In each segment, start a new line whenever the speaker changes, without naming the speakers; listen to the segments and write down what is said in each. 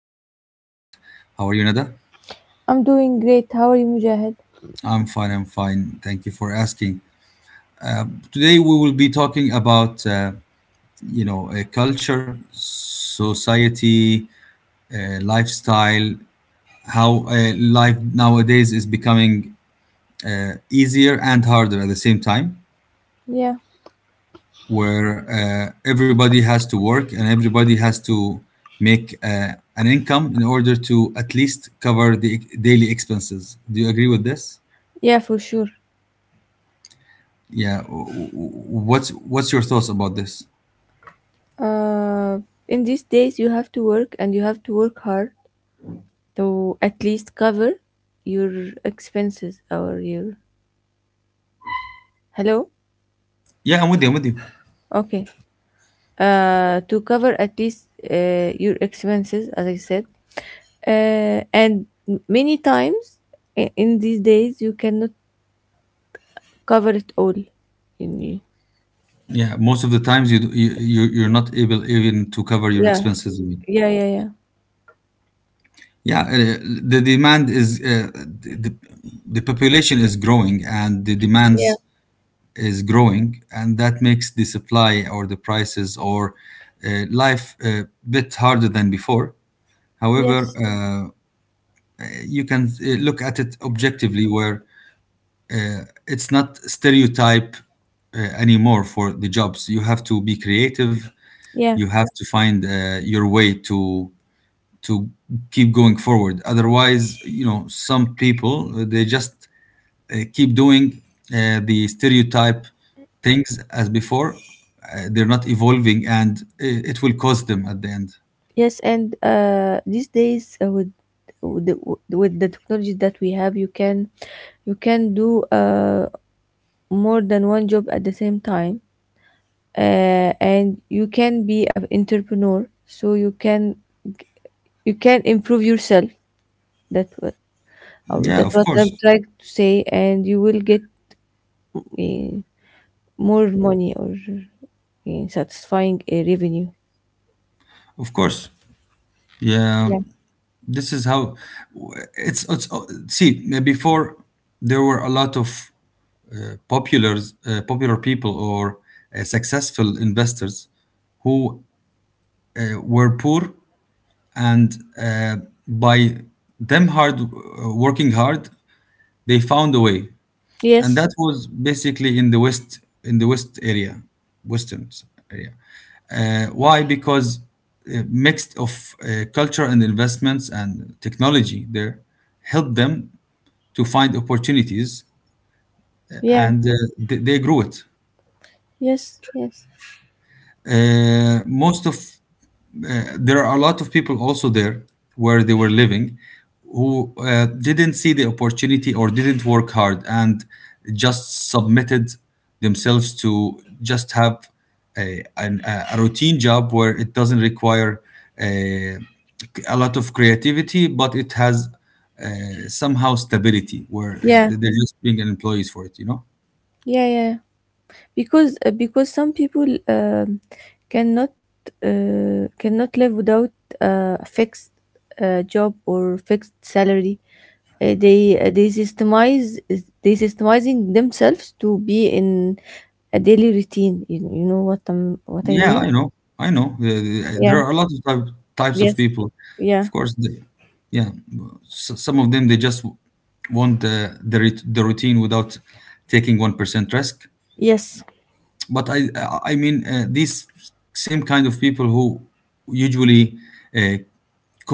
as our guest. How are you, Nada?
I'm doing great. How are you, Mujahid?
I'm fine. I'm fine. Thank you for asking. Uh, Today, we will be talking about culture, society, lifestyle, how life nowadays is becoming easier and harder at the same time.
Yeah,
Where everybody has to work and everybody has to make an income in order to at least cover the daily expenses. Do you agree with this?
yeah, for sure.
Yeah. What's your thoughts about this?
Uh, in these days, you have to work and you have to work hard to at least cover your expenses or your. Hello?
Yeah, I'm with you. I'm with you.
Okay. To cover at least your expenses, as I said. Many times in these days, you cannot cover it all. You need-
Yeah, most of the times you're not able even to cover your
Yeah,
expenses. I mean.
yeah, yeah, yeah.
Yeah, the demand is the, the the population is growing and the
Yeah.
demands is growing, and that makes the supply or the prices or life a bit harder than before. However,
Yes.
you can look at it objectively, where it's not stereotype anymore for the jobs. You have to be creative.
Yeah.
You have to find your way to keep going forward. Otherwise, some people they just keep doing the stereotype things as before. They're not evolving, and it will cause them at the end.
Yes, and these days with with the, with the technology that we have, you can do more than one job at the same time, and you can be an entrepreneur. So you can improve yourself. That what
Yeah,
that's
of
what I'm
course,
trying to say, and you will get uh, more money or satisfying revenue.
of course. Yeah,
Yeah.
this is how it's. Oh, see, before there were a lot of uh, popular popular people or successful investors who were poor, and by them hard working hard, they found a way, and
Yes.
that was basically in the west area western area. Why? Because mixed of culture and investments and technology there helped them to find opportunities,
Yeah.
and they grew it.
Yes. Yes.
Most of There are a lot of people also there where they were living, who didn't see the opportunity or didn't work hard, and just submitted themselves to just have a routine job where it doesn't require a, a lot of creativity, but it has somehow stability where
Yeah.
they're just being employees for it.
Yeah. Yeah. Because some people cannot cannot live without a fixed job or fixed salary they systemize they systemizing themselves to be in a daily routine you know what I
Yeah,
mean.
I know. I know. There
Yeah.
are a lot of types of
Yes.
people. Of
Yeah.
course, yeah. Some of them, they just want the routine without taking 1% risk.
Yes.
But I mean, these same kind of people who usually uh,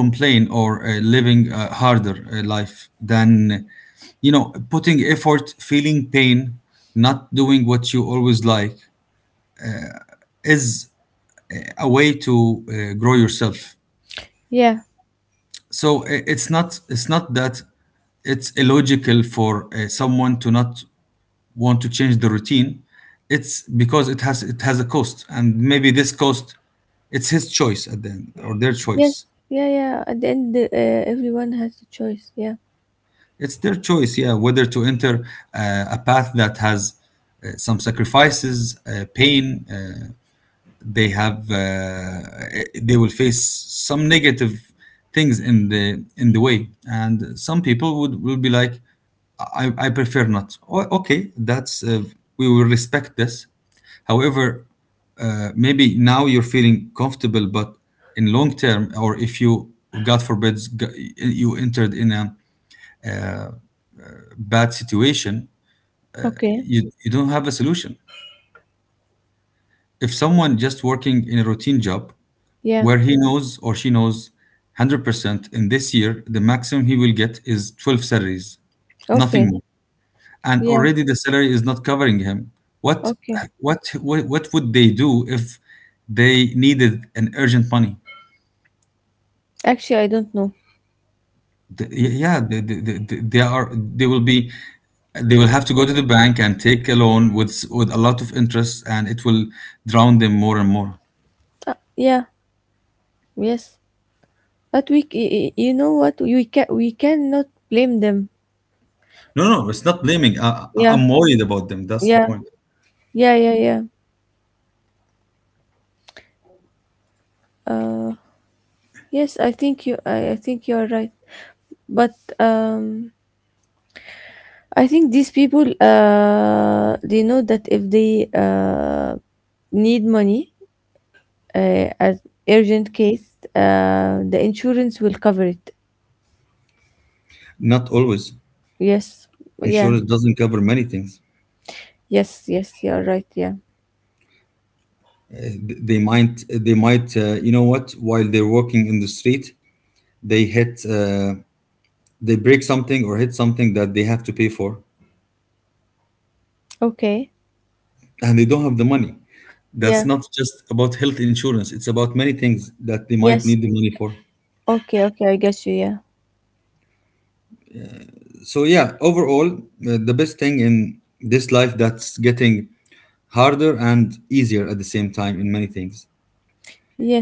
complain, or living a harder life than, putting effort, feeling pain, not doing what you always like, is a way to grow yourself.
Yeah.
So it's not that it's illogical for someone to not want to change the routine. It's because it has a cost, and maybe this cost, it's his choice at the end, or their
Yes.
choice.
Yeah, yeah, at the end, everyone has a choice. Yeah.
It's their choice, yeah, whether to enter a path that has some sacrifices, pain, they have uh, they will face some negative things in the way, and some people would will be like, I prefer not. Okay, that's we will respect this. However, maybe now you're feeling comfortable, but in long term, or if you, God forbid, you entered in a bad situation,
Okay.
you don't have a solution, if someone just working in a routine job
Yeah.
where he knows, or she knows, 100% in this year the maximum he will get is 12 salaries, nothing
Okay.
more, and
Yeah.
already the salary is not covering him. what
Okay.
what what, what would they do if they needed an urgent money?
Actually, I don't know.
Yeah, they are they will be they will have to go to the bank and take a loan with a lot of interest, and it will drown them more and more.
Yeah. Yes, but we c- y- y- you know what? We can we cannot blame them.
No, no, it's not blaming. I, I-
Yeah,
i'm worried about them. That's the
yeah,
point.
yeah, yeah, yeah. Uh, yes, I think you are right. But I think these people they know that if they need money as urgent case, the insurance will cover it.
Not always.
Yes, yeah,
Insurance doesn't cover many things.
yes, yes. You are right. Yeah.
Uh, you know what? While they're walking in the street, they hit, uh, they break something or hit something that they have to pay for,
Okay.
and they don't have the money. That's
Yeah.
not just about health insurance; it's about many things that they might
Yes.
need the money for.
Okay. Okay. I guess you. Yeah.
So, yeah, overall, the best thing in this life, that's getting harder and easier at the same time in many things.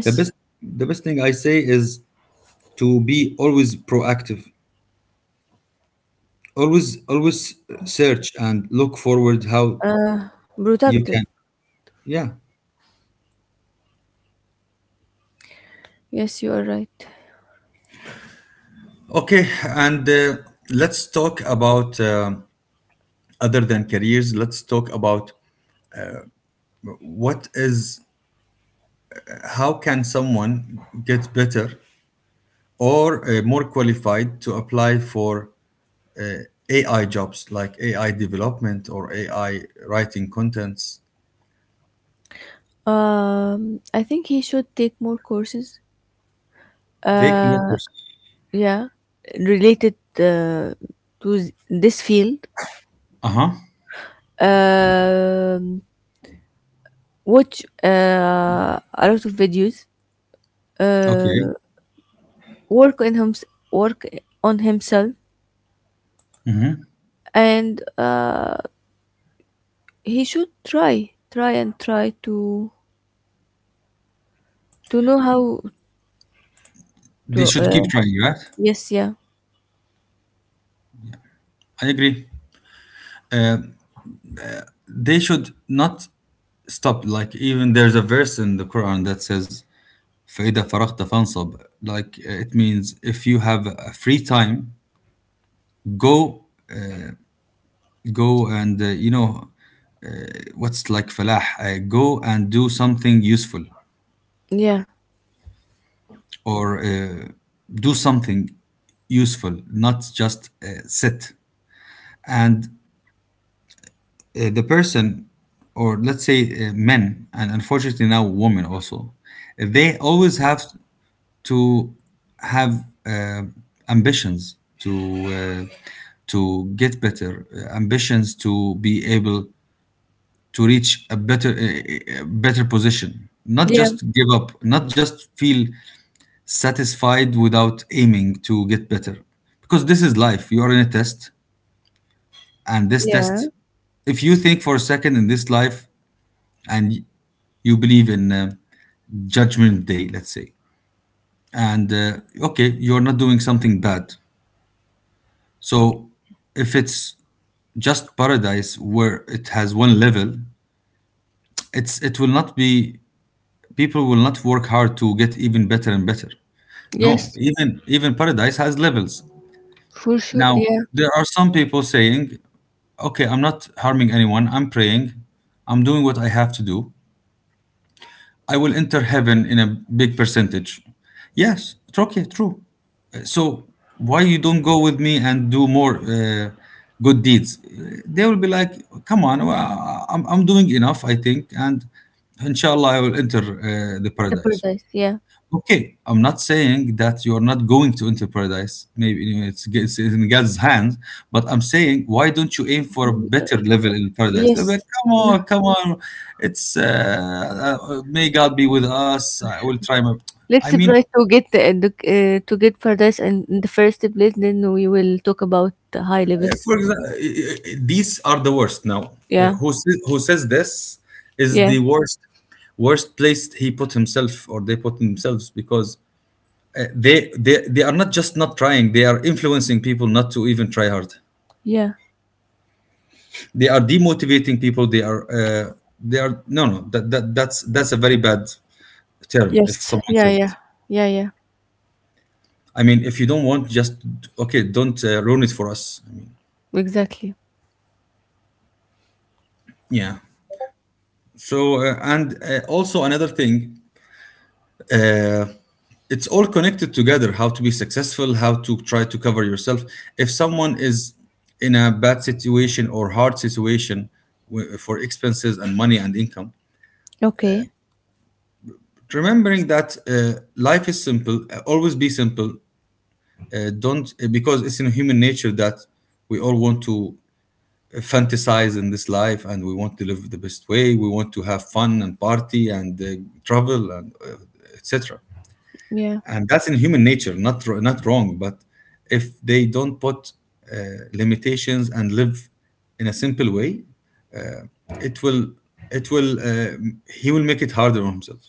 The best the best thing I say is to be always proactive. Always search and look forward how you
Productive.
can. Yeah.
Yes, you are right.
Okay. And let's talk about, other than careers, let's talk about, what is how can someone get better or more qualified to apply for AI jobs, like AI development or AI writing contents.
I think he should take more courses.
Take more
Uh,
courses.
yeah, related this field.
Uh-huh.
Um, watch a lot of videos. Uh,
Okay.
work on him, work on himself, and he should try, try and try to know how
They
to.
should keep trying, right?
Yes, yeah,
I agree. They should not stop. Like, even there's a verse in the Quran that says فَإِذَا فَرَغْتَ فَانْصَبْ. Like, it means if you have a free time, go go and, you know, what's like falah, go and do something useful,
yeah,
or do something useful, not just sit. And the person, or let's say, men, and unfortunately now women also, they always have to have ambitions to uh, get better, ambitions to be able to reach a better, better position, not
yeah,
just give up, not just feel satisfied without aiming to get better, because this is life. You are in a test, and this
yeah.
test, if you think for a second in this life, and you believe in judgment day, let's say, and, okay, you're not doing something bad. So if it's just paradise where it has one level, it will not be, people will not work hard to get even better and better. No,
Yes,
even paradise has levels.
for sure.
Now
Yeah.
there are some people saying, okay, I'm not harming anyone. I'm praying. I'm doing what I have to do. I will enter heaven in a big percentage. Yes, it's okay, true. So why you don't go with me and do more good deeds? They will be like, come on, well, I'm doing enough, I think, and inshallah I will enter the
The
paradise.
paradise, yeah.
Okay, I'm not saying that you are not going to enter paradise. Maybe, it's in God's hands, but I'm saying, why don't you aim for a
Mhm.
better level in paradise? They'll be like,
Yes.
come
No.
on, come on, it's may God be with us. I will try my.
Let's
I mean,
try to get the edu- uh, to get paradise in the first place. Then we will talk about the high levels.
for example, these are the worst now. Yeah.
Yeah.
Who says this is
Yeah.
the worst place? He put himself, or they put themselves, because uh, they they are not just not trying. They are influencing people not to even try hard.
Yeah.
They are demotivating people. They are No, no, that's a very bad term if
Yes.
someone
Yeah.
says
Yeah.
it.
Yeah. Yeah.
I mean, if you don't want, just, okay, don't ruin it for us. I mean,
Exactly.
yeah. So, and, also another thing. Uh, it's all connected together, how to be successful, how to try to cover yourself if someone is in a bad situation or hard situation, for expenses and money and income,
Okay.
remembering that, life is simple, always be simple, don't, because it's in human nature that we all want to fantasize in this life, and we want to live the best way, we want to have fun and party, and travel, and etc.
Yeah.
And that's in human nature, not wrong, but if they don't put uh, limitations and live in a simple way, it will it will he will make it harder on himself.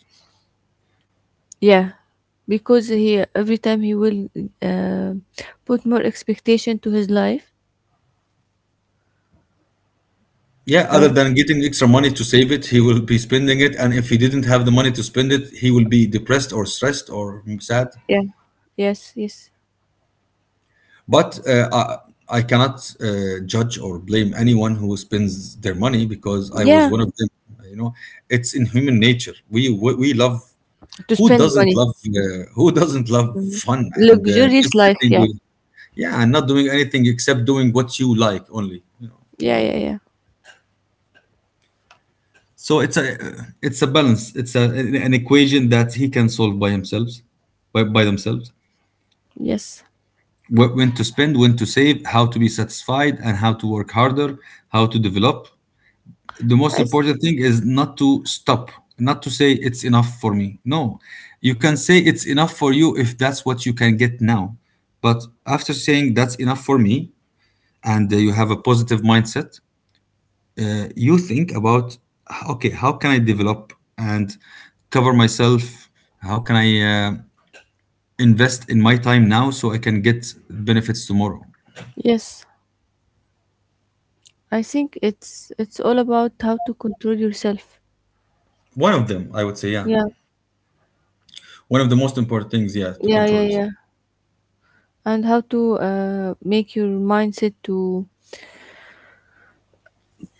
Yeah. Because he every time he will uh, put more expectation to his life.
Yeah, other
Um,
than getting extra money to save it, he will be spending it, and if he didn't have the money to spend it, he will be depressed or stressed or sad.
yeah. Yes. Yes.
But I cannot judge or blame anyone who spends their money, because I was
Yeah.
one of them. You know, it's in human nature. We love.
To
Who
spend
doesn't
money.
love Who doesn't love
Mhm.
fun and,
Luxurious
just
life.
sitting
Yeah.
with, yeah, and not doing anything except doing what you like only. You know?
Yeah. Yeah. Yeah.
So it's a balance. It's an equation that he can solve by himself, by themselves.
Yes.
When to spend, when to save, how to be satisfied, and how to work harder, how to develop, the most
I s-
important thing is not to stop. Not to say it's enough for me. No, you can say it's enough for you if that's what you can get now, but after saying that's enough for me and you have a positive mindset. You think about, okay, how can I develop and cover myself. How can I invest in my time now so I can get benefits tomorrow.
yes, I think it's all about how to control yourself.
One of them, I would say, yeah.
Yeah,
One of the most important things, yeah, to
yeah, yeah,
control is
yeah, and how to make your mindset to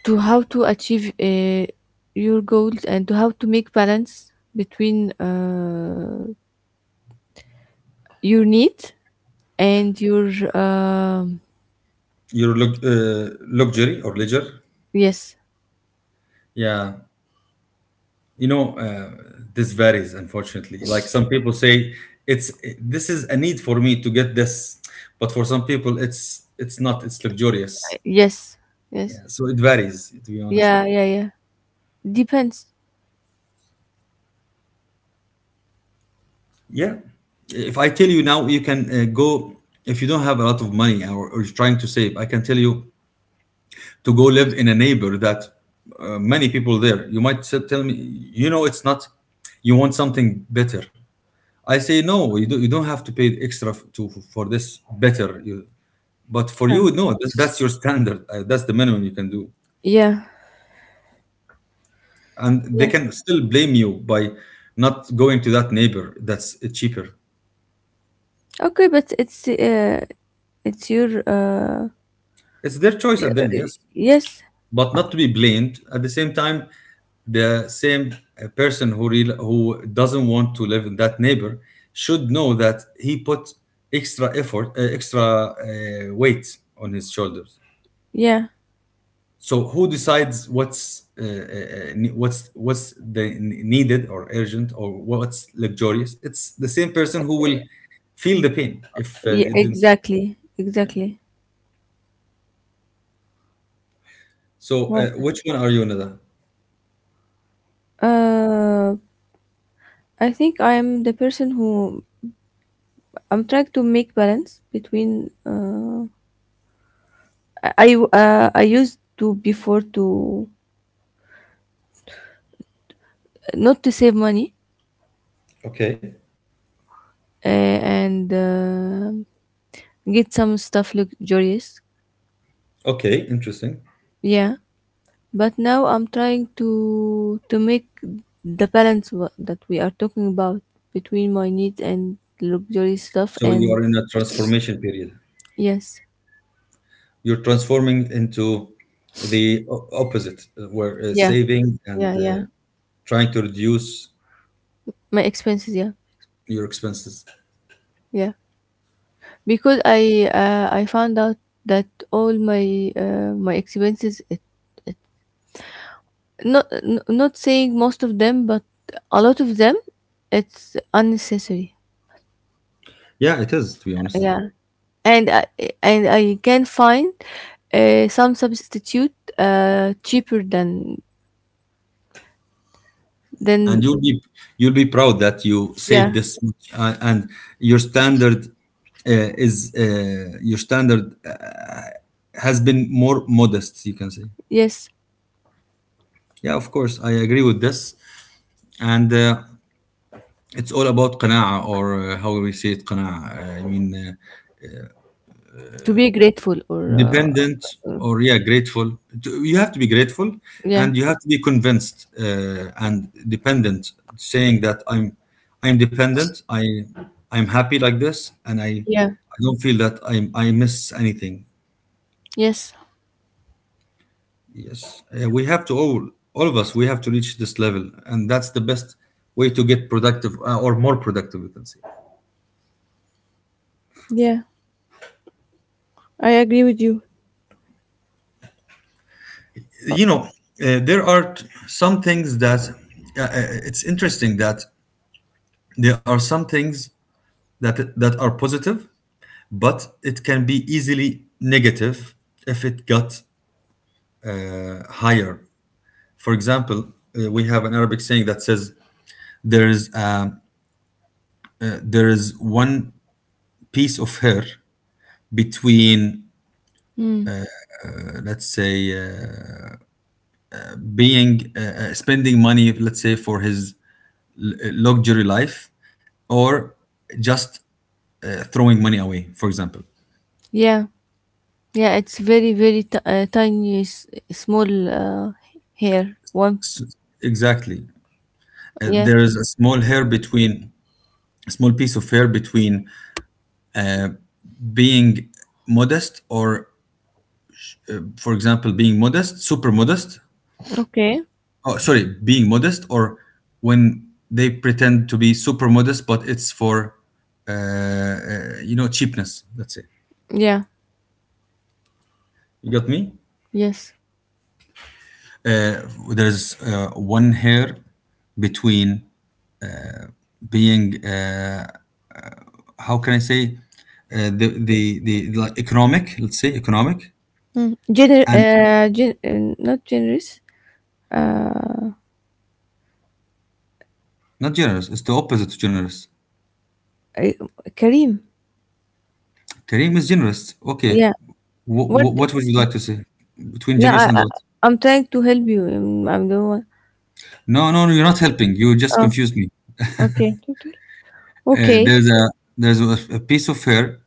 to how to achieve your goals and to how to make balance between your needs and your um
your luxury or leisure.
yes,
Yeah, you know, uh, this varies, unfortunately. Like, some people say, it's this is a need for me to get this, but for some people, it's not. It's luxurious.
yes, yes,
Yeah, so it varies, to be honest.
yeah, yeah, yeah. Depends.
Yeah, if I tell you now, you can go if you don't have a lot of money, or you're trying to save. I can tell you to go live in a neighbor that many people there. You might tell me, it's not. You want something better. I say no. You don't have to pay extra f- to for this better. But for
Yeah,
you, no. That's your standard. That's the minimum you can do.
yeah,
And they
yeah.
can still blame you by not going to that neighbor that's cheaper.
Okay, but it's your
It's their choice at the end, yes.
yes.
But not to be blamed. At the same time, the same person who doesn't want to live in that neighbor should know that he put extra effort, extra weight on his shoulders.
Yeah,
So who decides what's ne- what's the needed or urgent or what's luxurious? It's the same person who will feel the pain if
yeah,
it didn't.
exactly, exactly.
So,
What?
which one are you, Nada?
Uh, I think I am the person who I'm trying to make balance between. I used to before to not to save money
Okay.
and get some stuff luxurious.
Okay, interesting.
Yeah, but now I'm trying to make the balance that we are talking about between my needs and luxury stuff
So you
and
are in a transformation period.
yes,
You're transforming into the opposite, where
yeah,
saving
yeah,
and
yeah.
trying to reduce
My expenses, yeah.
your expenses.
Yeah, because I found out that all my my expenses it, it not not saying most of them but a lot of them it's unnecessary.
Yeah, it is to be honest.
Yeah, and I can find some substitute cheaper
And
than
you'll be proud that you saved
yeah,
this much, and your standard your standard has been more modest, you can say.
yes,
Yeah, of course I agree with this. And it's all about qana'a, or how we say it, qana'a. I mean,
to be grateful or
dependent, or, yeah, grateful. You have to be grateful,
yeah,
and you have to be convinced, and dependent, saying that I'm dependent. I'm happy like this, and i
yeah,
i don't feel that I miss anything.
yes,
Yes, we have to all of us, we have to reach this level, and that's the best way to get productive, or more productive, you can say.
yeah, I agree with you. Uh,
You know, there are some things that, it's interesting that, there are some things that that are positive, but it can be easily negative if it got higher. For example, we have an Arabic saying that says, there is um, there is one piece of hair between,
mm,
let's say, uh, being, spending money, let's say, for his l- luxury life, or just throwing money away, for example.
yeah. Yeah, it's very, very tiny, small hair. One.
S- exactly.
Yeah.
There is a small piece of hair between, uh, being modest, or, for example, being modest, super modest.
Okay.
Oh, sorry, being modest, or when they pretend to be super modest, but it's for, cheapness, let's say.
Yeah.
You got me.
Yes.
uh, there's one hair between being, how can I say, the like economic, let's say, economic
Mm.
and
Not generous. Uh,
not generous. It's the opposite to generous.
I- Kareem.
Kareem is generous. Okay.
Yeah.
W-
What?
w- what would you like to say between
No,
generous and what?
I- I'm trying to help you. I'm the one.
No, no, no, you're not helping. You just
Oh,
confused me.
okay. Total.
Uh,
Okay.
there's a there's a piece of fair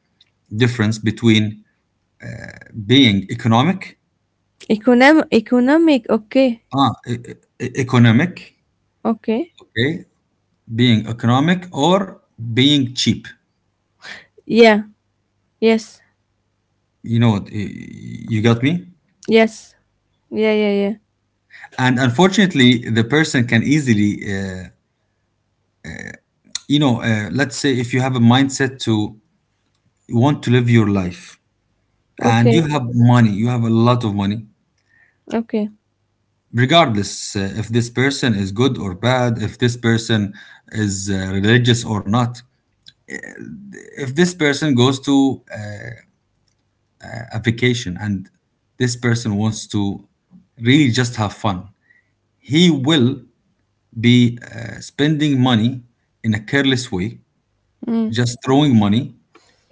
difference between being economic,
Economic. Okay.
ah, e- e- economic,
Okay.
okay, being economic or being cheap.
Yeah. Yes.
You know what? You got me.
Yes. Yeah. Yeah. Yeah.
And, unfortunately, the person can easily, let's say, if you have a mindset to want to live your life, and
Okay.
you have a lot of money,
Okay.
regardless if this person is good or bad, if this person is religious or not, if this person goes to, a vacation, and this person wants to really just have fun, he will be spending money in a careless way,
Mm.
just throwing money,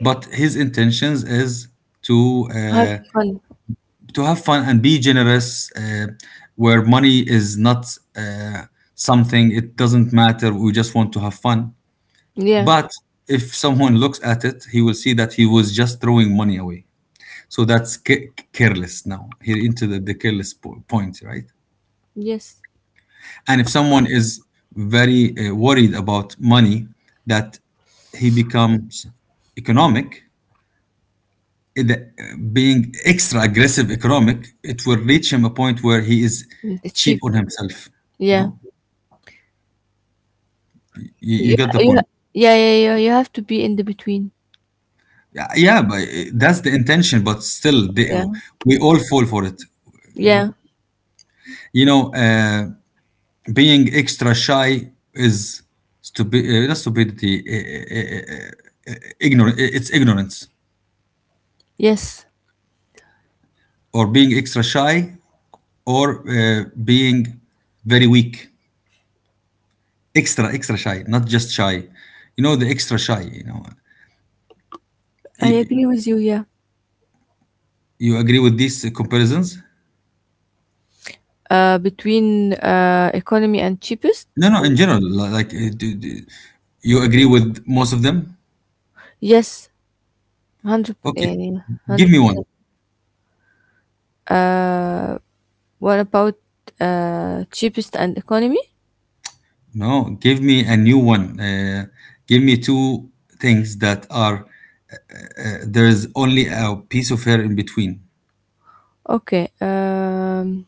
but his intentions is to
Have
uh,
fun.
to have fun and be generous, where money is not uh, something, it doesn't matter, we just want to have fun.
Yeah.
But if someone looks at it, he will see that he was just throwing money away. So that's careless. Now, here into the careless point, right?
Yes.
And if someone is very worried about money, that he becomes economic, the- being extra aggressive economic, it will reach him a point where he is
Mm, the
cheap
cheap.
on himself. You
Yeah.
know, you
You
get the
you
point.
yeah, yeah, yeah. You have to be in the between.
Yeah, yeah, but that's the intention. But still,
Yeah.
we all fall for it. You know,
Yeah.
you know, uh, Being extra shy is stupid. Not stupidity. Ignorant. It's ignorance,
Yes.
or being extra shy, or being very weak, extra extra shy, not just shy, you know? The extra shy, you know?
I
Y-
agree with you, yeah.
you agree with these comparisons?
Between economy and cheapest.
No, no, in
Or,
general, like, do you agree with most of them?
yes, hundred
Okay,
uh,
give
hundred
me one.
percent. Uh, what about cheapest and economy?
No, give me a new one. Give me two things that are, there's only a piece of hair in between.
Okay. Um,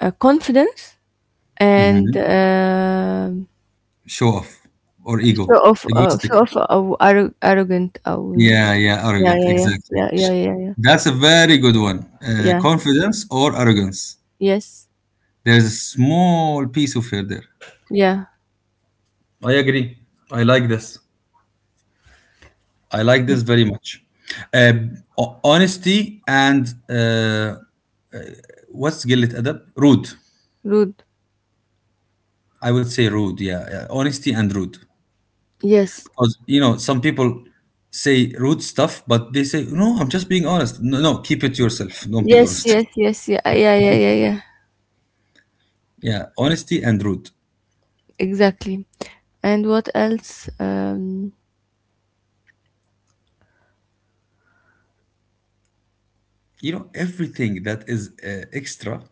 uh, Confidence and
Mhm. Show off or ego,
show off. Uh,
egoistic.
show off. Uh, arro- arrogant.
Yeah, yeah,
Yeah,
arrogant,
yeah, yeah,
exactly.
yeah, yeah, yeah, yeah.
That's a very good one.
Yeah.
Confidence or arrogance.
Yes.
There's a small piece of her there.
Yeah.
I agree. I like this. I like this very much. Uh, Honesty and, what's قلة أدب? Rude.
Rude.
I would say rude. Yeah, yeah. Honesty and rude.
Yes.
Because, you know, some people say rude stuff, but they say, no, I'm just being honest. No, no, keep it to yourself. Don't be
Yes.
honest.
Yes. Yes. Yeah. Yeah. Yeah. Yeah. Yeah. Yeah.
Yeah, honesty and rude.
Exactly. And what else?
Everything that is extra,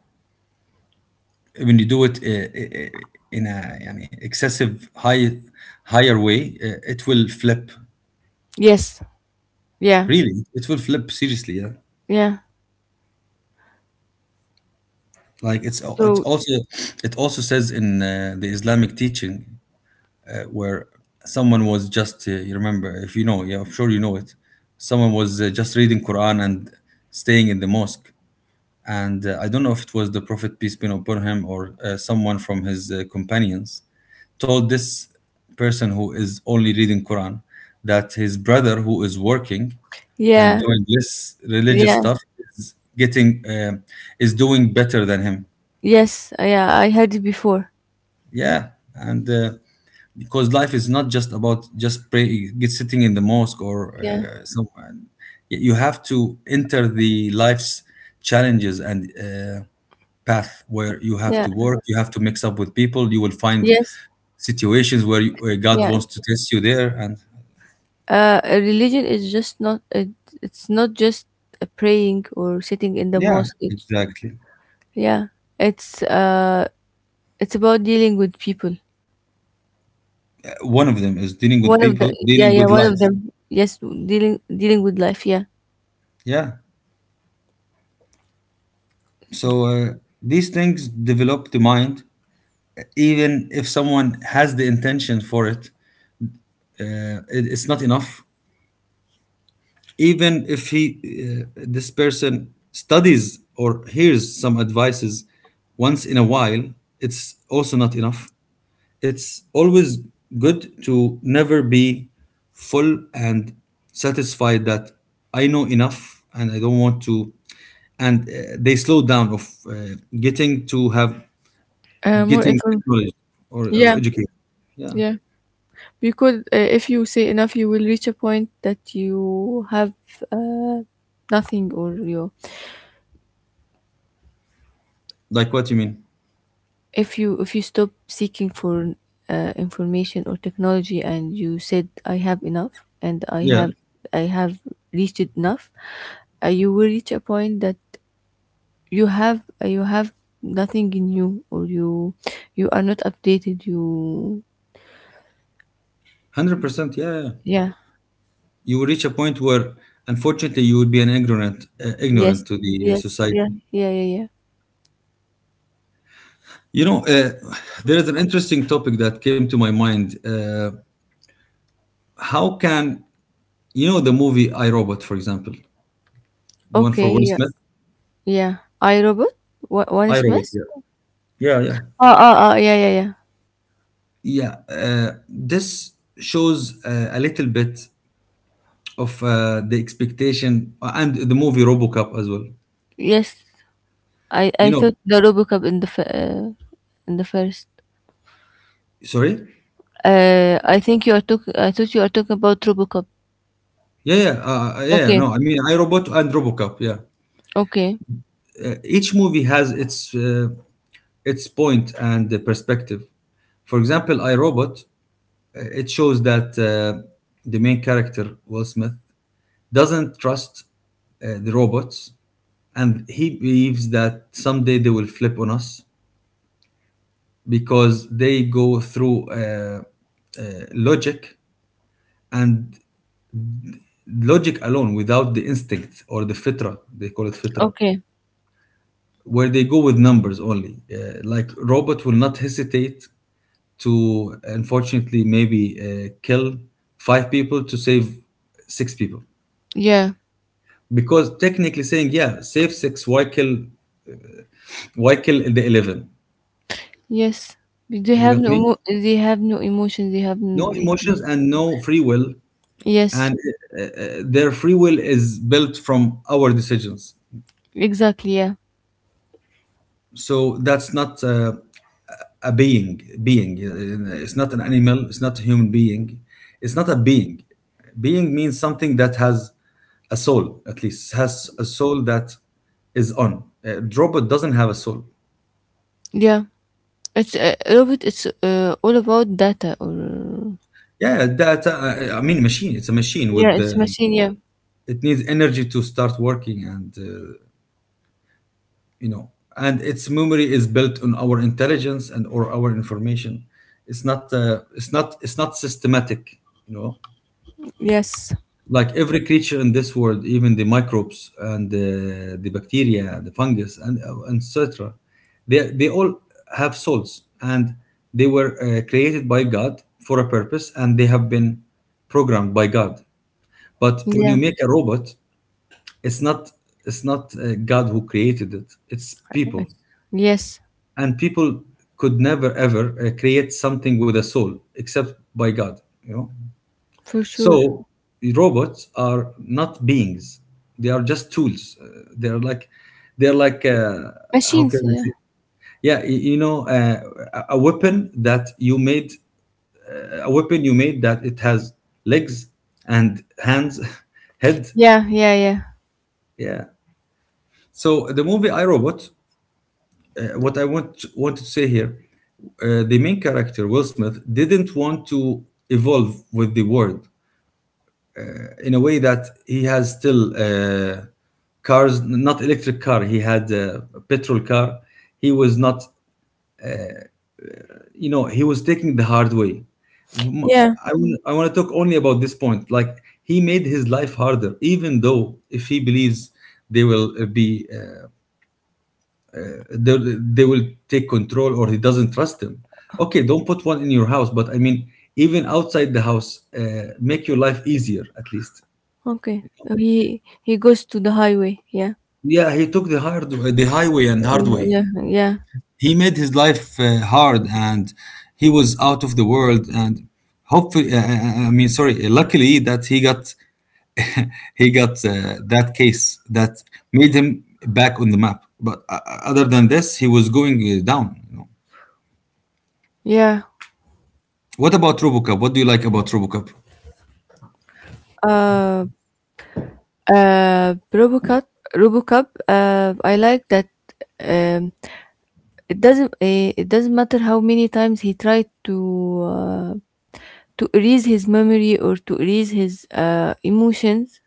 when you do it in a, yani, excessive, higher way, it will flip.
Yes. Yeah.
Really, it will flip, seriously, yeah.
Yeah.
Like, it's
So.
also it also says in the Islamic teaching, where someone was just, you remember, if you know, yeah, I'm sure you know it, someone was just reading Quran and staying in the mosque. And I don't know if it was the Prophet peace be upon him, or someone from his companions, told this person who is only reading Quran that his brother who is working and
Yeah.
doing this religious
Yeah.
stuff is getting uh, is doing better than him.
Yes. Yeah. I heard it before.
Yeah, and because life is not just about just pray, get sitting in the mosque, or
Yeah.
somewhere. You have to enter the life's challenges and path, where you have
Yeah.
to work, you have to mix up with people, you will find
Yes.
situations where God
Yeah.
wants to test you there, and
A religion is just not. It, it's not just a praying or sitting in the
yeah,
mosque. It,
exactly.
yeah. It's. It's about dealing with people.
One of them is dealing with
One of the
people,
yeah,
dealing
yeah,
with
one of
life.
them. Yes, dealing with life. Yeah.
Yeah, so these things develop the mind. Even if someone has the intention for it, it's not enough. Even if this person studies or hears some advices once in a while, it's also not enough. It's always good to never be full and satisfied that I know enough and I don't want to. And they slow down of getting to have
More
getting
inform
acknowledged, or
yeah,
educated. Yeah,
yeah, because if you say enough you will reach a point that you have uh, nothing or you
like what you mean.
if you stop seeking for information or technology and you said I have enough and i
Yeah,
have i have reached it enough. You will reach a point that you have nothing in you or you you are not updated, you
100%. Yeah, yeah.
Yeah.
You will reach a point where, unfortunately, you will be an ignorant
Yes.
to the
Yes. Yeah.
society.
Yeah. Yeah. Yeah.
You know, there is an interesting topic that came to my mind. How can You know the movie I Robot, for example, the one for
Okay.
Will
Yeah.
Smith?
Yeah. I robot. What? What
I
is
Robot.
miss?
Yeah, yeah, yeah,
Oh. Oh. Oh. Yeah. Yeah. Yeah.
yeah. This shows a little bit of the expectation, and the movie RoboCop as well.
Yes.
You
I
know,
thought the RoboCop in the in the first.
sorry.
I think you are talking. I thought you are talking about RoboCop.
Yeah, yeah, yeah. Yeah,
Okay.
no, I mean, iRobot and RoboCop. Yeah,
Okay.
each movie has its point and the perspective. For example, iRobot, it shows that the main character Will Smith doesn't trust the robots, and he believes that someday they will flip on us because they go through uh, logic, and logic alone, without the instinct or the fitra. They call it fitra,
Okay.
where they go with numbers only. Like, robot will not hesitate to, unfortunately, maybe kill five people to save six people,
Yeah.
because technically saying, yeah, save six, why kill the 11?
Yes. They
You
have
got
no.
me?
They have no emotions. They have.
No
N-
emotions and no free will,
Yes.
and their free will is built from our decisions.
Exactly. Yeah.
So that's not a being. It's not an animal, it's not a human being, it's not a being Being means something that has a soul, at least has a soul. That is on Robot doesn't have a soul.
Yeah. It's robot. It's all about data or.
Yeah, that I mean, machine, it's a machine
Yeah,
with
it's
the—
a machine. Yeah.
it needs energy to start working, and you know, and its memory is built on our intelligence and or our information. It's not it's not systematic, you know.
Yes.
Like every creature in this world, even the microbes and the bacteria, the fungus and etc, they all have souls, and they were created by God for a purpose, and they have been programmed by God. But when you
Yeah.
make a robot, it's not it's not God who created it, it's people.
Yes,
And people could never ever create something with a soul, except by God, you know.
for sure.
So robots are not beings; they are just tools. They're like, how can
Machines.
I
Yeah.
say? Yeah, you know, a weapon that you made, a weapon you made that it has legs and hands, head.
Yeah. Yeah. Yeah.
Yeah. So the movie I Robot, what I want to say here, the main character Will Smith didn't want to evolve with the world, in a way that he has still cars, not electric car. He had a petrol car. He was not, you know, he was taking the hard way. M-
Yeah.
I, I want to talk only about this point. Like he made his life harder, even though if he believes they will be, they will take control, or he doesn't trust them. Okay, don't put one in your house, but I mean, even outside the house, make your life easier at least.
Okay. He goes to the highway. Yeah.
Yeah, he took the hard, the highway and hard way.
Yeah. Yeah.
He made his life hard, and he was out of the world, and hopefully I mean sorry luckily that he got that case that made him back on the map. But other than this, he was going down, you know.
Yeah.
What about robocup what do you like about robocup
Uh. Robocop. Robocop. I like that. Um. It doesn't. It doesn't matter how many times he tried uh, to erase his memory or to erase his emotions.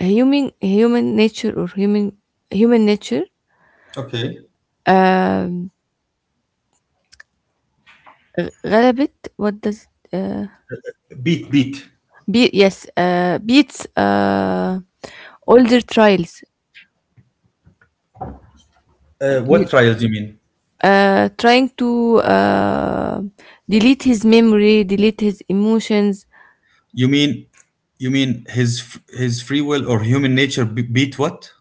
Human nature or human nature.
okay.
Um, r rabbit, what does it,
Beat.
be yes, beats older trials.
Uh,
You-
what trials you mean?
Trying to delete his memory, delete his emotions.
you mean you mean his his free will or human nature beat what?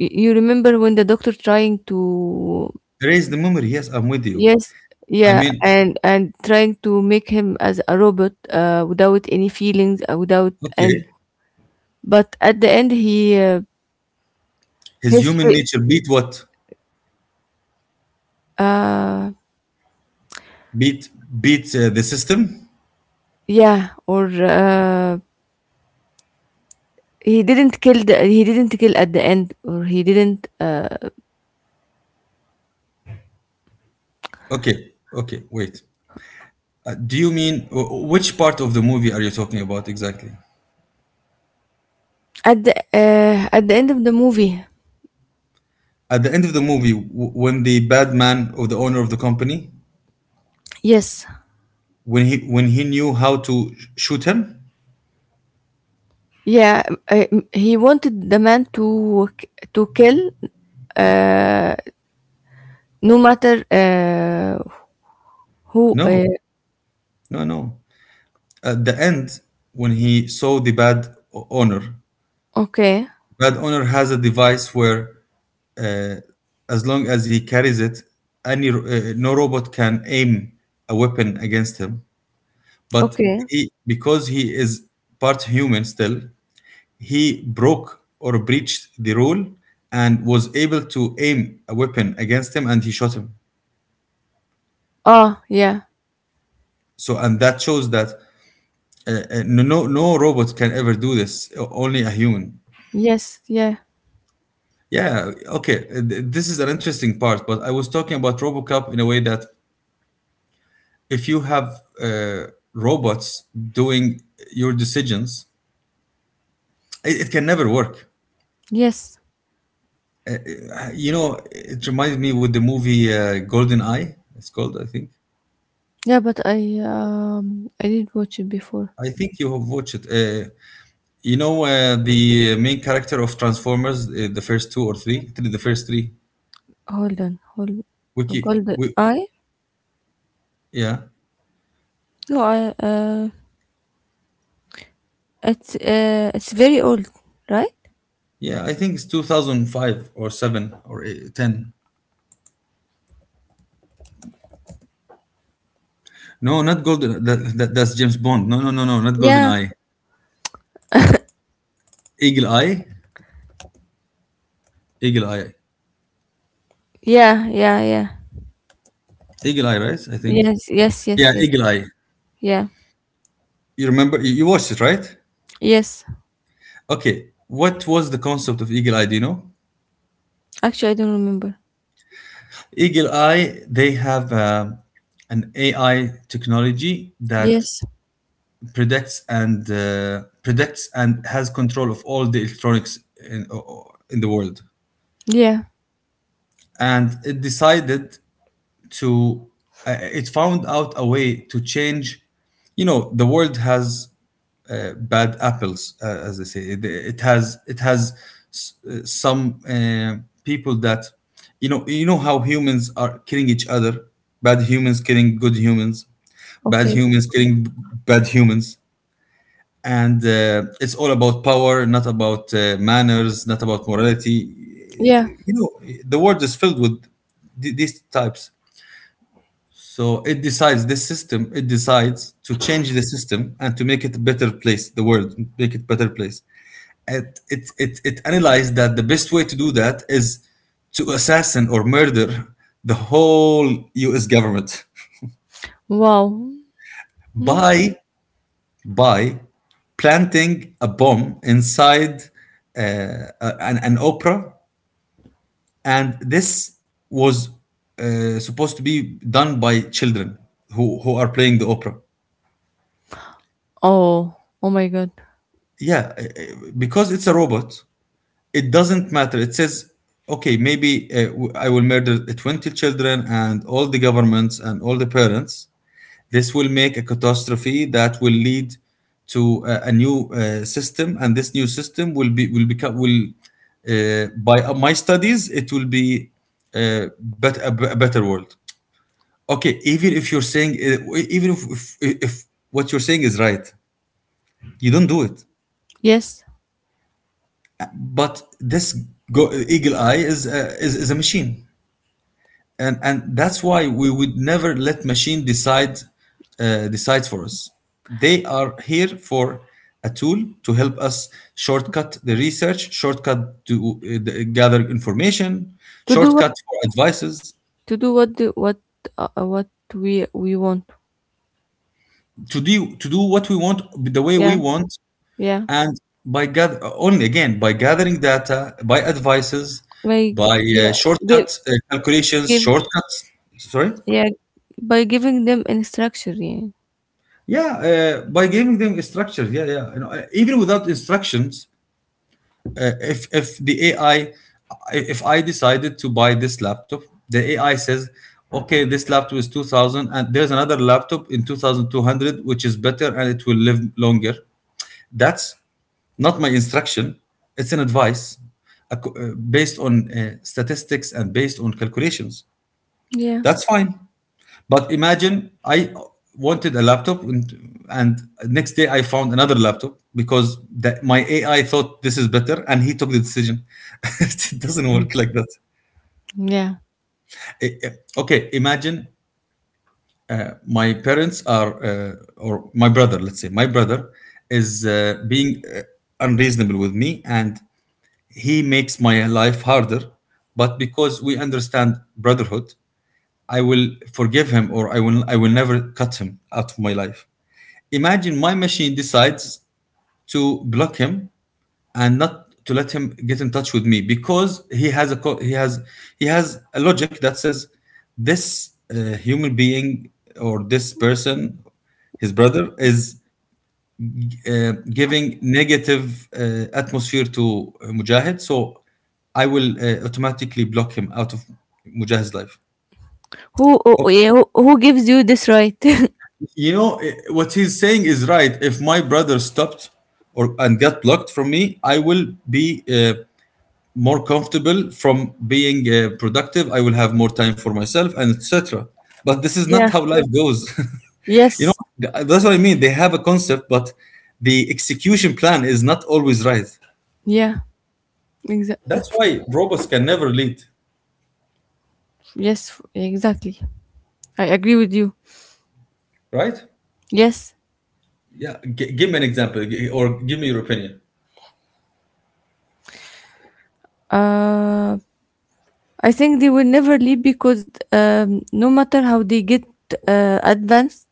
You remember when the doctor trying to
Raise the memory, yes, I'm with you.
yes,
I
yeah,
mean,
and trying to make him as a robot without any feelings, without and
okay.
but at the end he
His
his
human nature beat what?
uh
Beat beat the system?
yeah or he didn't kill the he didn't kill at the end or he didn't
Okay, okay, wait. Do you mean which part of the movie are you talking about exactly?
at the end of the movie.
At the end of the movie, when the bad man or the owner of the company,
Yes.
when he knew how to shoot him?
Yeah, uh, he wanted the man to kill uh, no matter who
No, no, no. At the end, when he saw the bad owner,
okay.
bad owner has a device where, uh, as long as he carries it, no robot can aim a weapon against him. But
Okay.
he, because he is part human still, he broke or breached the rule and was able to aim a weapon against him, and he shot him.
Oh, yeah.
So, and that shows that no robot can ever do this, o- only a human.
Yes, yeah.
Yeah, okay, this is an interesting part, but I was talking about RoboCop in a way that, if you have robots doing your decisions, it can never work.
Yes.
You know, it reminds me with the movie Golden Eye, it's called, I think.
Yeah, but I didn't watch it before.
I think you have watched it. You know, the main character of Transformers, the first two or three, I think the first three.
Hold on. Hold
Wiki,
Golden
we,
Eye?
yeah,
No, I it's very old, right?
yeah. I think it's 2005 or seven or ten. No, not Golden. That's James Bond. No, Not Golden
Yeah,
Eye. Eagle Eye, Eagle Eye,
yeah, yeah, yeah.
Eagle Eye, right? I think.
Yes, yes,
Yeah,
yes, yes.
Eagle Eye.
Yeah.
You remember? You watched it, right?
Yes.
Okay. What was the concept of Eagle Eye? Do you know?
Actually, I don't remember.
Eagle Eye, they have an AI technology that
Yes.
predicts and has control of all the electronics in, in the world.
Yeah.
And it decided to, it found out a way to change. You know, the world has bad apples as they say it, it has some uh, people that, you know, you know how humans are killing each other. Bad humans killing good humans, bad
Okay.
humans killing b- bad humans. And it's all about power, not about manners, not about morality,
Yeah.
you know. The world is filled with these types. So it decides, this system, it decides to change the system and to make it a better place, the world, make it better place. It analyzed that the best way to do that is to assassin or murder the whole US government
Wow. Hmm.
by, by planting a bomb inside an opera. And this was supposed to be done by children who are playing the opera.
Oh. Oh my God.
Yeah, because it's a robot, it doesn't matter, it says okay, maybe I will murder 20 children and all the governments and all the parents, this will make a catastrophe that will lead to a new system, and this new system will by my studies it will be a better world. Okay, even if you're saying even if what you're saying is right, you don't do it.
Yes.
But this Eagle Eye is is a machine, and that's why we would never let machine decide, decides for us. They are here for a tool to help us, shortcut the research, shortcut to gather information,
To do what?
shortcut for advices.
To do what? The, what? Uh, uh, what we want.
To do what we want, the way we
Yeah.
want,
Yeah.
and by gather, only again by gathering data, by advices,
By
by
yeah. Give
shortcut calculations
give
shortcuts. Sorry.
yeah. By giving them instruction. Yeah.
Yeah, by giving them a structure. Yeah, yeah. You know, even without instructions, if the AI, if I decided to buy this laptop, the AI says, okay, this laptop is 2,000, and there's another laptop in two thousand two hundred, which is better and it will live longer. That's not my instruction. It's an advice, based on statistics and based on calculations.
Yeah.
That's fine. But imagine I wanted a laptop, and next day I found another laptop because the, my AI thought this is better and he took the decision. It doesn't work like that.
Yeah.
Eh, eh, Okay, imagine my parents are, or my brother, let's say, my brother is being unreasonable with me and he makes my life harder. But because we understand brotherhood, I will forgive him, or I will never cut him out of my life. Imagine my machine decides to block him and not to let him get in touch with me, because he has a logic that says this human being or this person, his brother is giving negative atmosphere to Mujahid, so I will automatically block him out of Mujahid's life.
Who? Oh, oh, yeah. Who gives you this right?
You know, eh, what he's saying is right, if my brother stopped or and got blocked from me, I will be more comfortable, from being productive, I will have more time for myself and etc. But this is not
yeah.
how life goes. You know,
Yes.
that's what I mean, they have a concept, but the execution plan is not always right.
Yeah.
That's
Exactly.
why robots can never lead.
Yes, exactly. I agree with you.
Right.
Yes.
Yeah, give me an example, or give me your opinion.
Uh, I think they will never leave because no matter how they get advanced,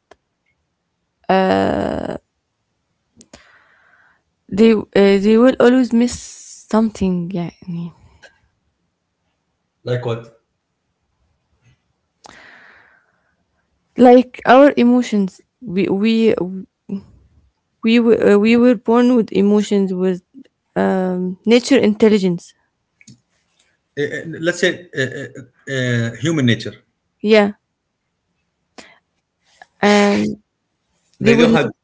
they will always miss something. Yeah, yeah.
Like what?
Like our emotions. We were, we were born with emotions with nature intelligence.
Let's say human nature.
Yeah, and they
They don't
will.
have,
Not-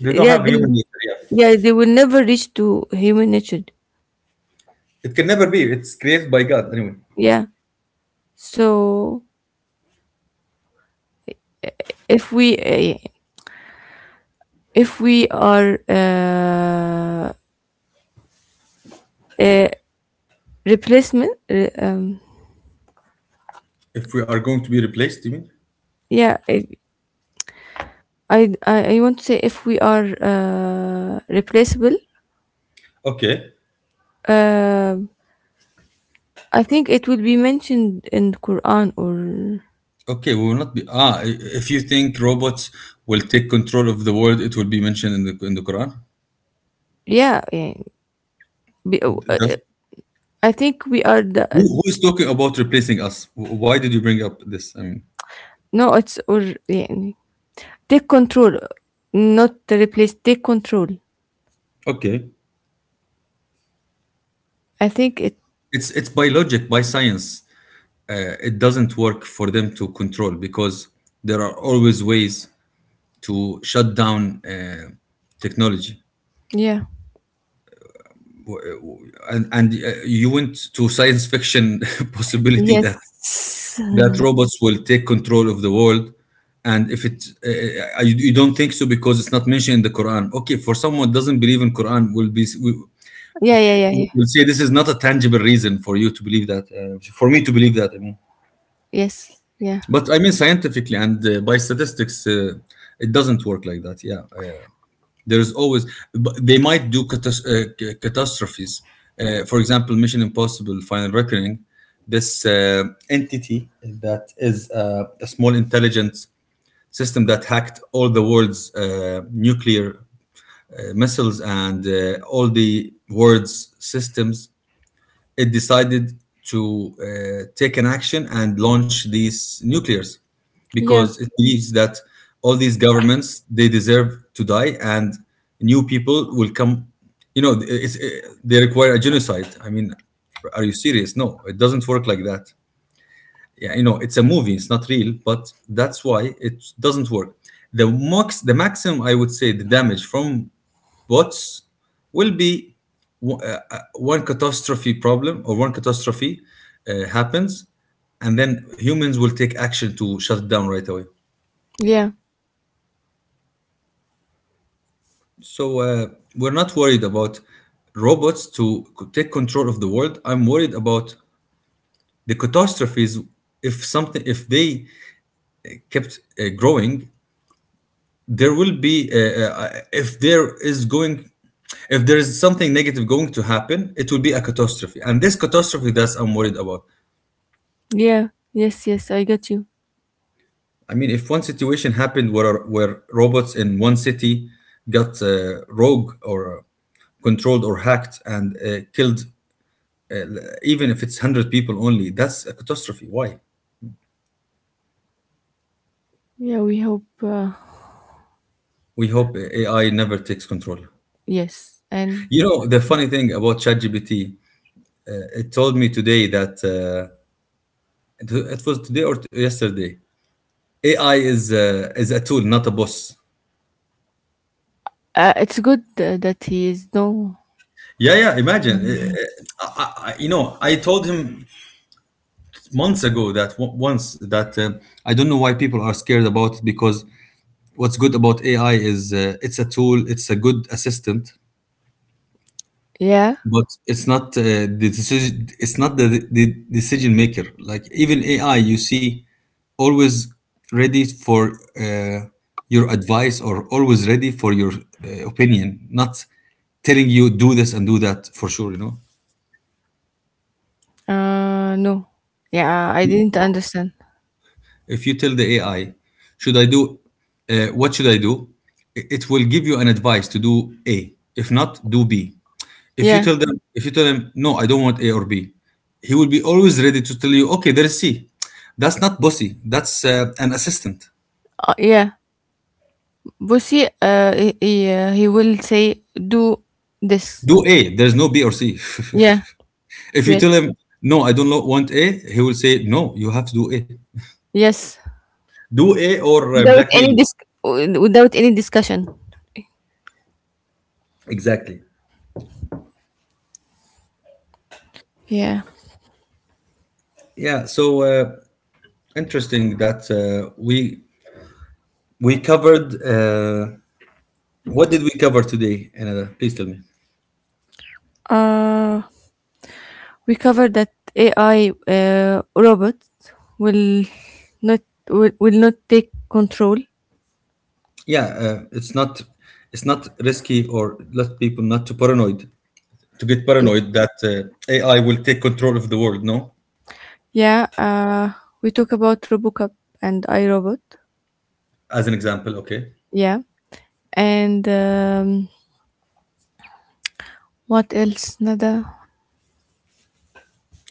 they don't
Yeah,
have
they
human nature. Yeah.
yeah they will never reach to human nature.
It can never be. It's created by God anyway.
Yeah, so, if we uh, if we are a replacement
If we are going to be replaced, you mean?
yeah if, I want to say if we are replaceable
Okay.
uh, I think it will be mentioned in the quran or
Okay, we will not be. Ah, if you think robots will take control of the world, it will be mentioned in the Quran.
yeah, yeah be,
Does—
I think we are the
who is talking about replacing us? Why did you bring up this? I mean,
no it's or yeah, take control not to replace take control
okay.
I think it
It's by logic, by science. It doesn't work for them to control because there are always ways to shut down technology.
yeah
And you went to science fiction possibility
yes
that that robots will take control of the world. And if it you, you don't think so because it's not mentioned in the Quran. Okay, for someone who doesn't believe in Quran will be
yeah yeah yeah yeah
will say this is not a tangible reason for you to believe that, for me to believe that, I mean.
yes yeah.
But I mean scientifically and by statistics, it doesn't work like that. Yeah. There's always, but they might do catastrophes. For example, Mission Impossible Final Reckoning, this entity that is a small intelligence system that hacked all the world's nuclear missiles and all the world's systems. It decided to take an action and launch these nuclears
Yeah,
because it believes that all these governments, they deserve to die and new people will come. You know, they require a genocide. I mean, are you serious? No, it doesn't work like that. Yeah, you know, it's a movie, it's not real, but that's why it doesn't work. The max the maximum I would say, the damage from bots will be one catastrophe problem or one catastrophe happens, and then humans will take action to shut it down right away.
yeah,
So we're not worried about robots to take control of the world. I'm worried about the catastrophes. If something, if they kept growing, there will be if there is going, if there is something negative going to happen, it will be a catastrophe, and this catastrophe, that's I'm worried about.
yeah. Yes, yes, I get you.
I mean, if one situation happened where robots in one city got rogue, or controlled or hacked, and killed, even if it's 100 people only, that's a catastrophe. Why?
Yeah, we hope.
We hope AI never takes control.
Yes, and
You know, the funny thing about ChatGPT, it told me today that it was today or yesterday, AI is a tool, not a boss.
it's good that he is no.
Yeah, yeah. Imagine, you know, I told him months ago that once that I don't know why people are scared about it, because what's good about AI is, it's a tool, it's a good assistant,
Yeah.
but it's not the decision. It's not the decision maker. Like, even AI, you see, always ready for uh, your advice, or always ready for your opinion. Not telling you do this and do that for sure, you know.
No. Yeah, I didn't understand.
If you tell the AI, should I do? What should I do? It will give you an advice to do A. If not, do B. If you
Yeah,
tell them, if you tell him no, I don't want A or B, he will be always ready to tell you, okay, there is C. That's not bossy, that's an assistant.
yeah. Bussy, uh, he will say do this.
Do A, there's no B or C.
Yeah.
If you
Yes.
tell him no, I don't want A, he will say no, you have to do A.
Yes.
Do A, or
Without
blackmail
any
you.
dis- without any discussion.
Exactly.
Yeah.
Yeah. So interesting that we we covered what did we cover today? Another, please tell me.
Uh. We covered that AI robot will not will, will not take control.
Yeah, it's not, it's not risky, or let people not too paranoid to get
Y-
paranoid that AI will take control of the world. No,
Yeah, we talk about RoboCop and iRobot.
as an example. Okay,
Yeah, and what else? Nada.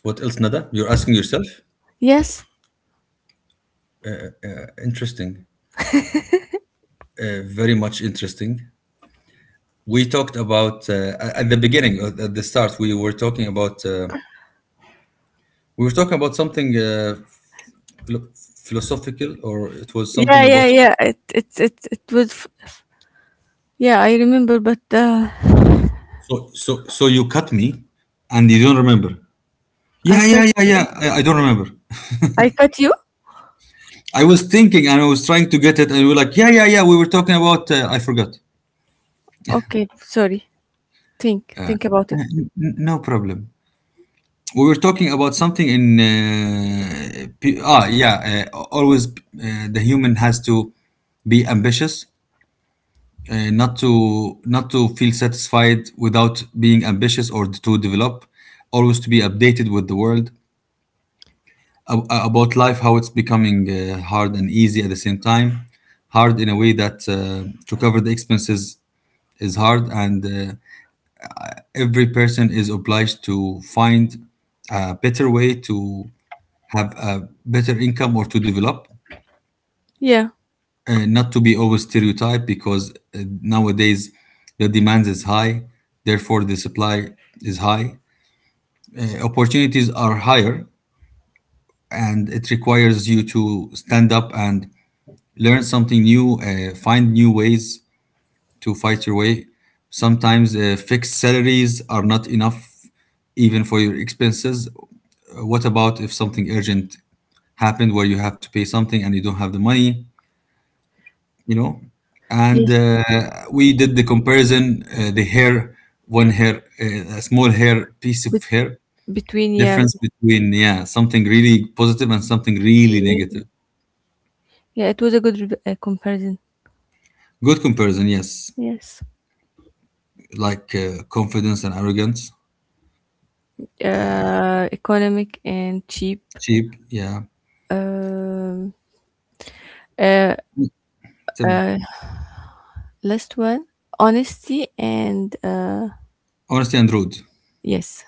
what else, Nada? You're asking yourself.
Yes.
Interesting, very much interesting. We talked about, at the beginning, at the start. We were talking about, we were talking about something philo- philosophical, or it was
Yeah,
something about.
yeah, yeah. It was. Yeah, I remember, but
So you cut me, and you don't remember.
I
Yeah, yeah,
cut
yeah, yeah. I don't remember.
I cut you.
I was thinking, and I was trying to get it, and we were like, yeah, yeah, yeah. We were talking about. I forgot.
Okay, sorry. Think about it.
N- No problem. We were talking about something in ah yeah, always the human has to be ambitious, not to, feel satisfied without being ambitious, or to develop, always to be updated with the world, about life, how it's becoming hard and easy at the same time. Hard in a way that to cover the expenses is hard, and every person is obliged to find a better way to have a better income or to develop,
Yeah.
not to be always stereotyped, because nowadays the demand is high, therefore the supply is high. Opportunities are higher, and it requires you to stand up and learn something new, find new ways to fight your way. Sometimes fixed salaries are not enough even for your expenses. What about if something urgent happened where you have to pay something and you don't have the money? You know, and
Yes.
we did the comparison, the hair, one hair, a small hair, piece of
Bet-
hair,
between yeah.
difference between, yeah, something really positive and something really
Between-
negative.
yeah, it was a good comparison.
Good comparison, yes.
Yes.
Like confidence and arrogance,
Economic and cheap.
cheap, yeah.
Um, uh,
Tell me.
uh, last one, honesty and
Honesty and rude.
yes.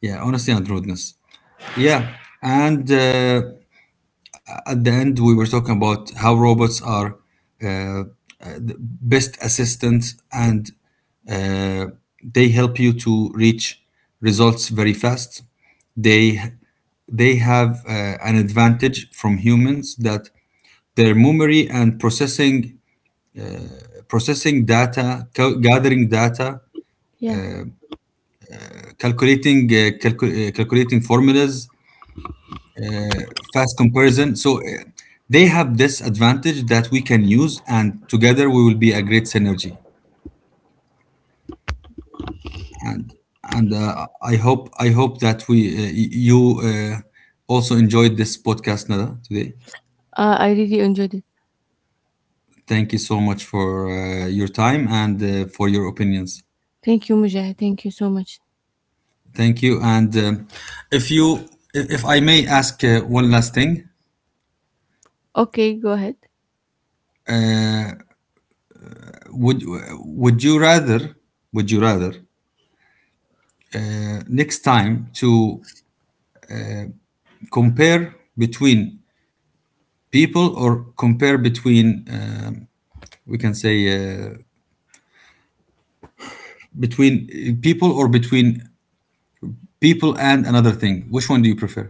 Yeah, honesty and rudeness.
Yes.
Yeah. And at the end, we were talking about how robots are uh, uh, the best assistants, and uh, they help you to reach results very fast. They, have an advantage from humans, that their memory and processing, processing data, gathering data,
Yeah.
calculating, calculating formulas, fast comparison. So they have this advantage that we can use, and together we will be a great synergy. And I hope that we, you also enjoyed this podcast, Nada, today.
I really enjoyed it.
Thank you so much for your time and for your opinions.
Thank you, Mujahid. Thank you so much.
Thank you. And if you, if I may ask one last thing,
Okay, go ahead.
would would you rather, would you rather next time, to compare between people or compare between we can say between people, or between people and another thing, which one do you prefer?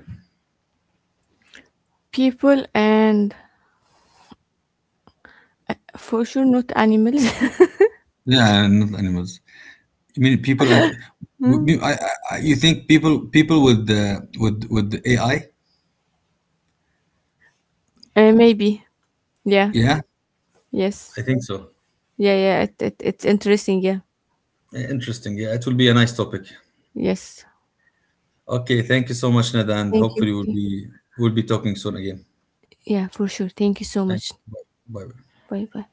People and for sure not animals.
Yeah, not animals. I mean people,
Hmm.
I- you think, people with the, with the AI.
Uh, maybe. Yeah.
Yeah, I
Yes.
think so.
Yeah. Yeah. It, it's interesting. Yeah.
Yeah, interesting, yeah, it will be a nice topic.
Yes.
Okay, thank you so much, Ned, and
Thank you.
hopefully we'll be, we'll be talking soon again.
Yeah, for sure. Thank you so
Thank
much.
you. Bye bye.
Bye bye.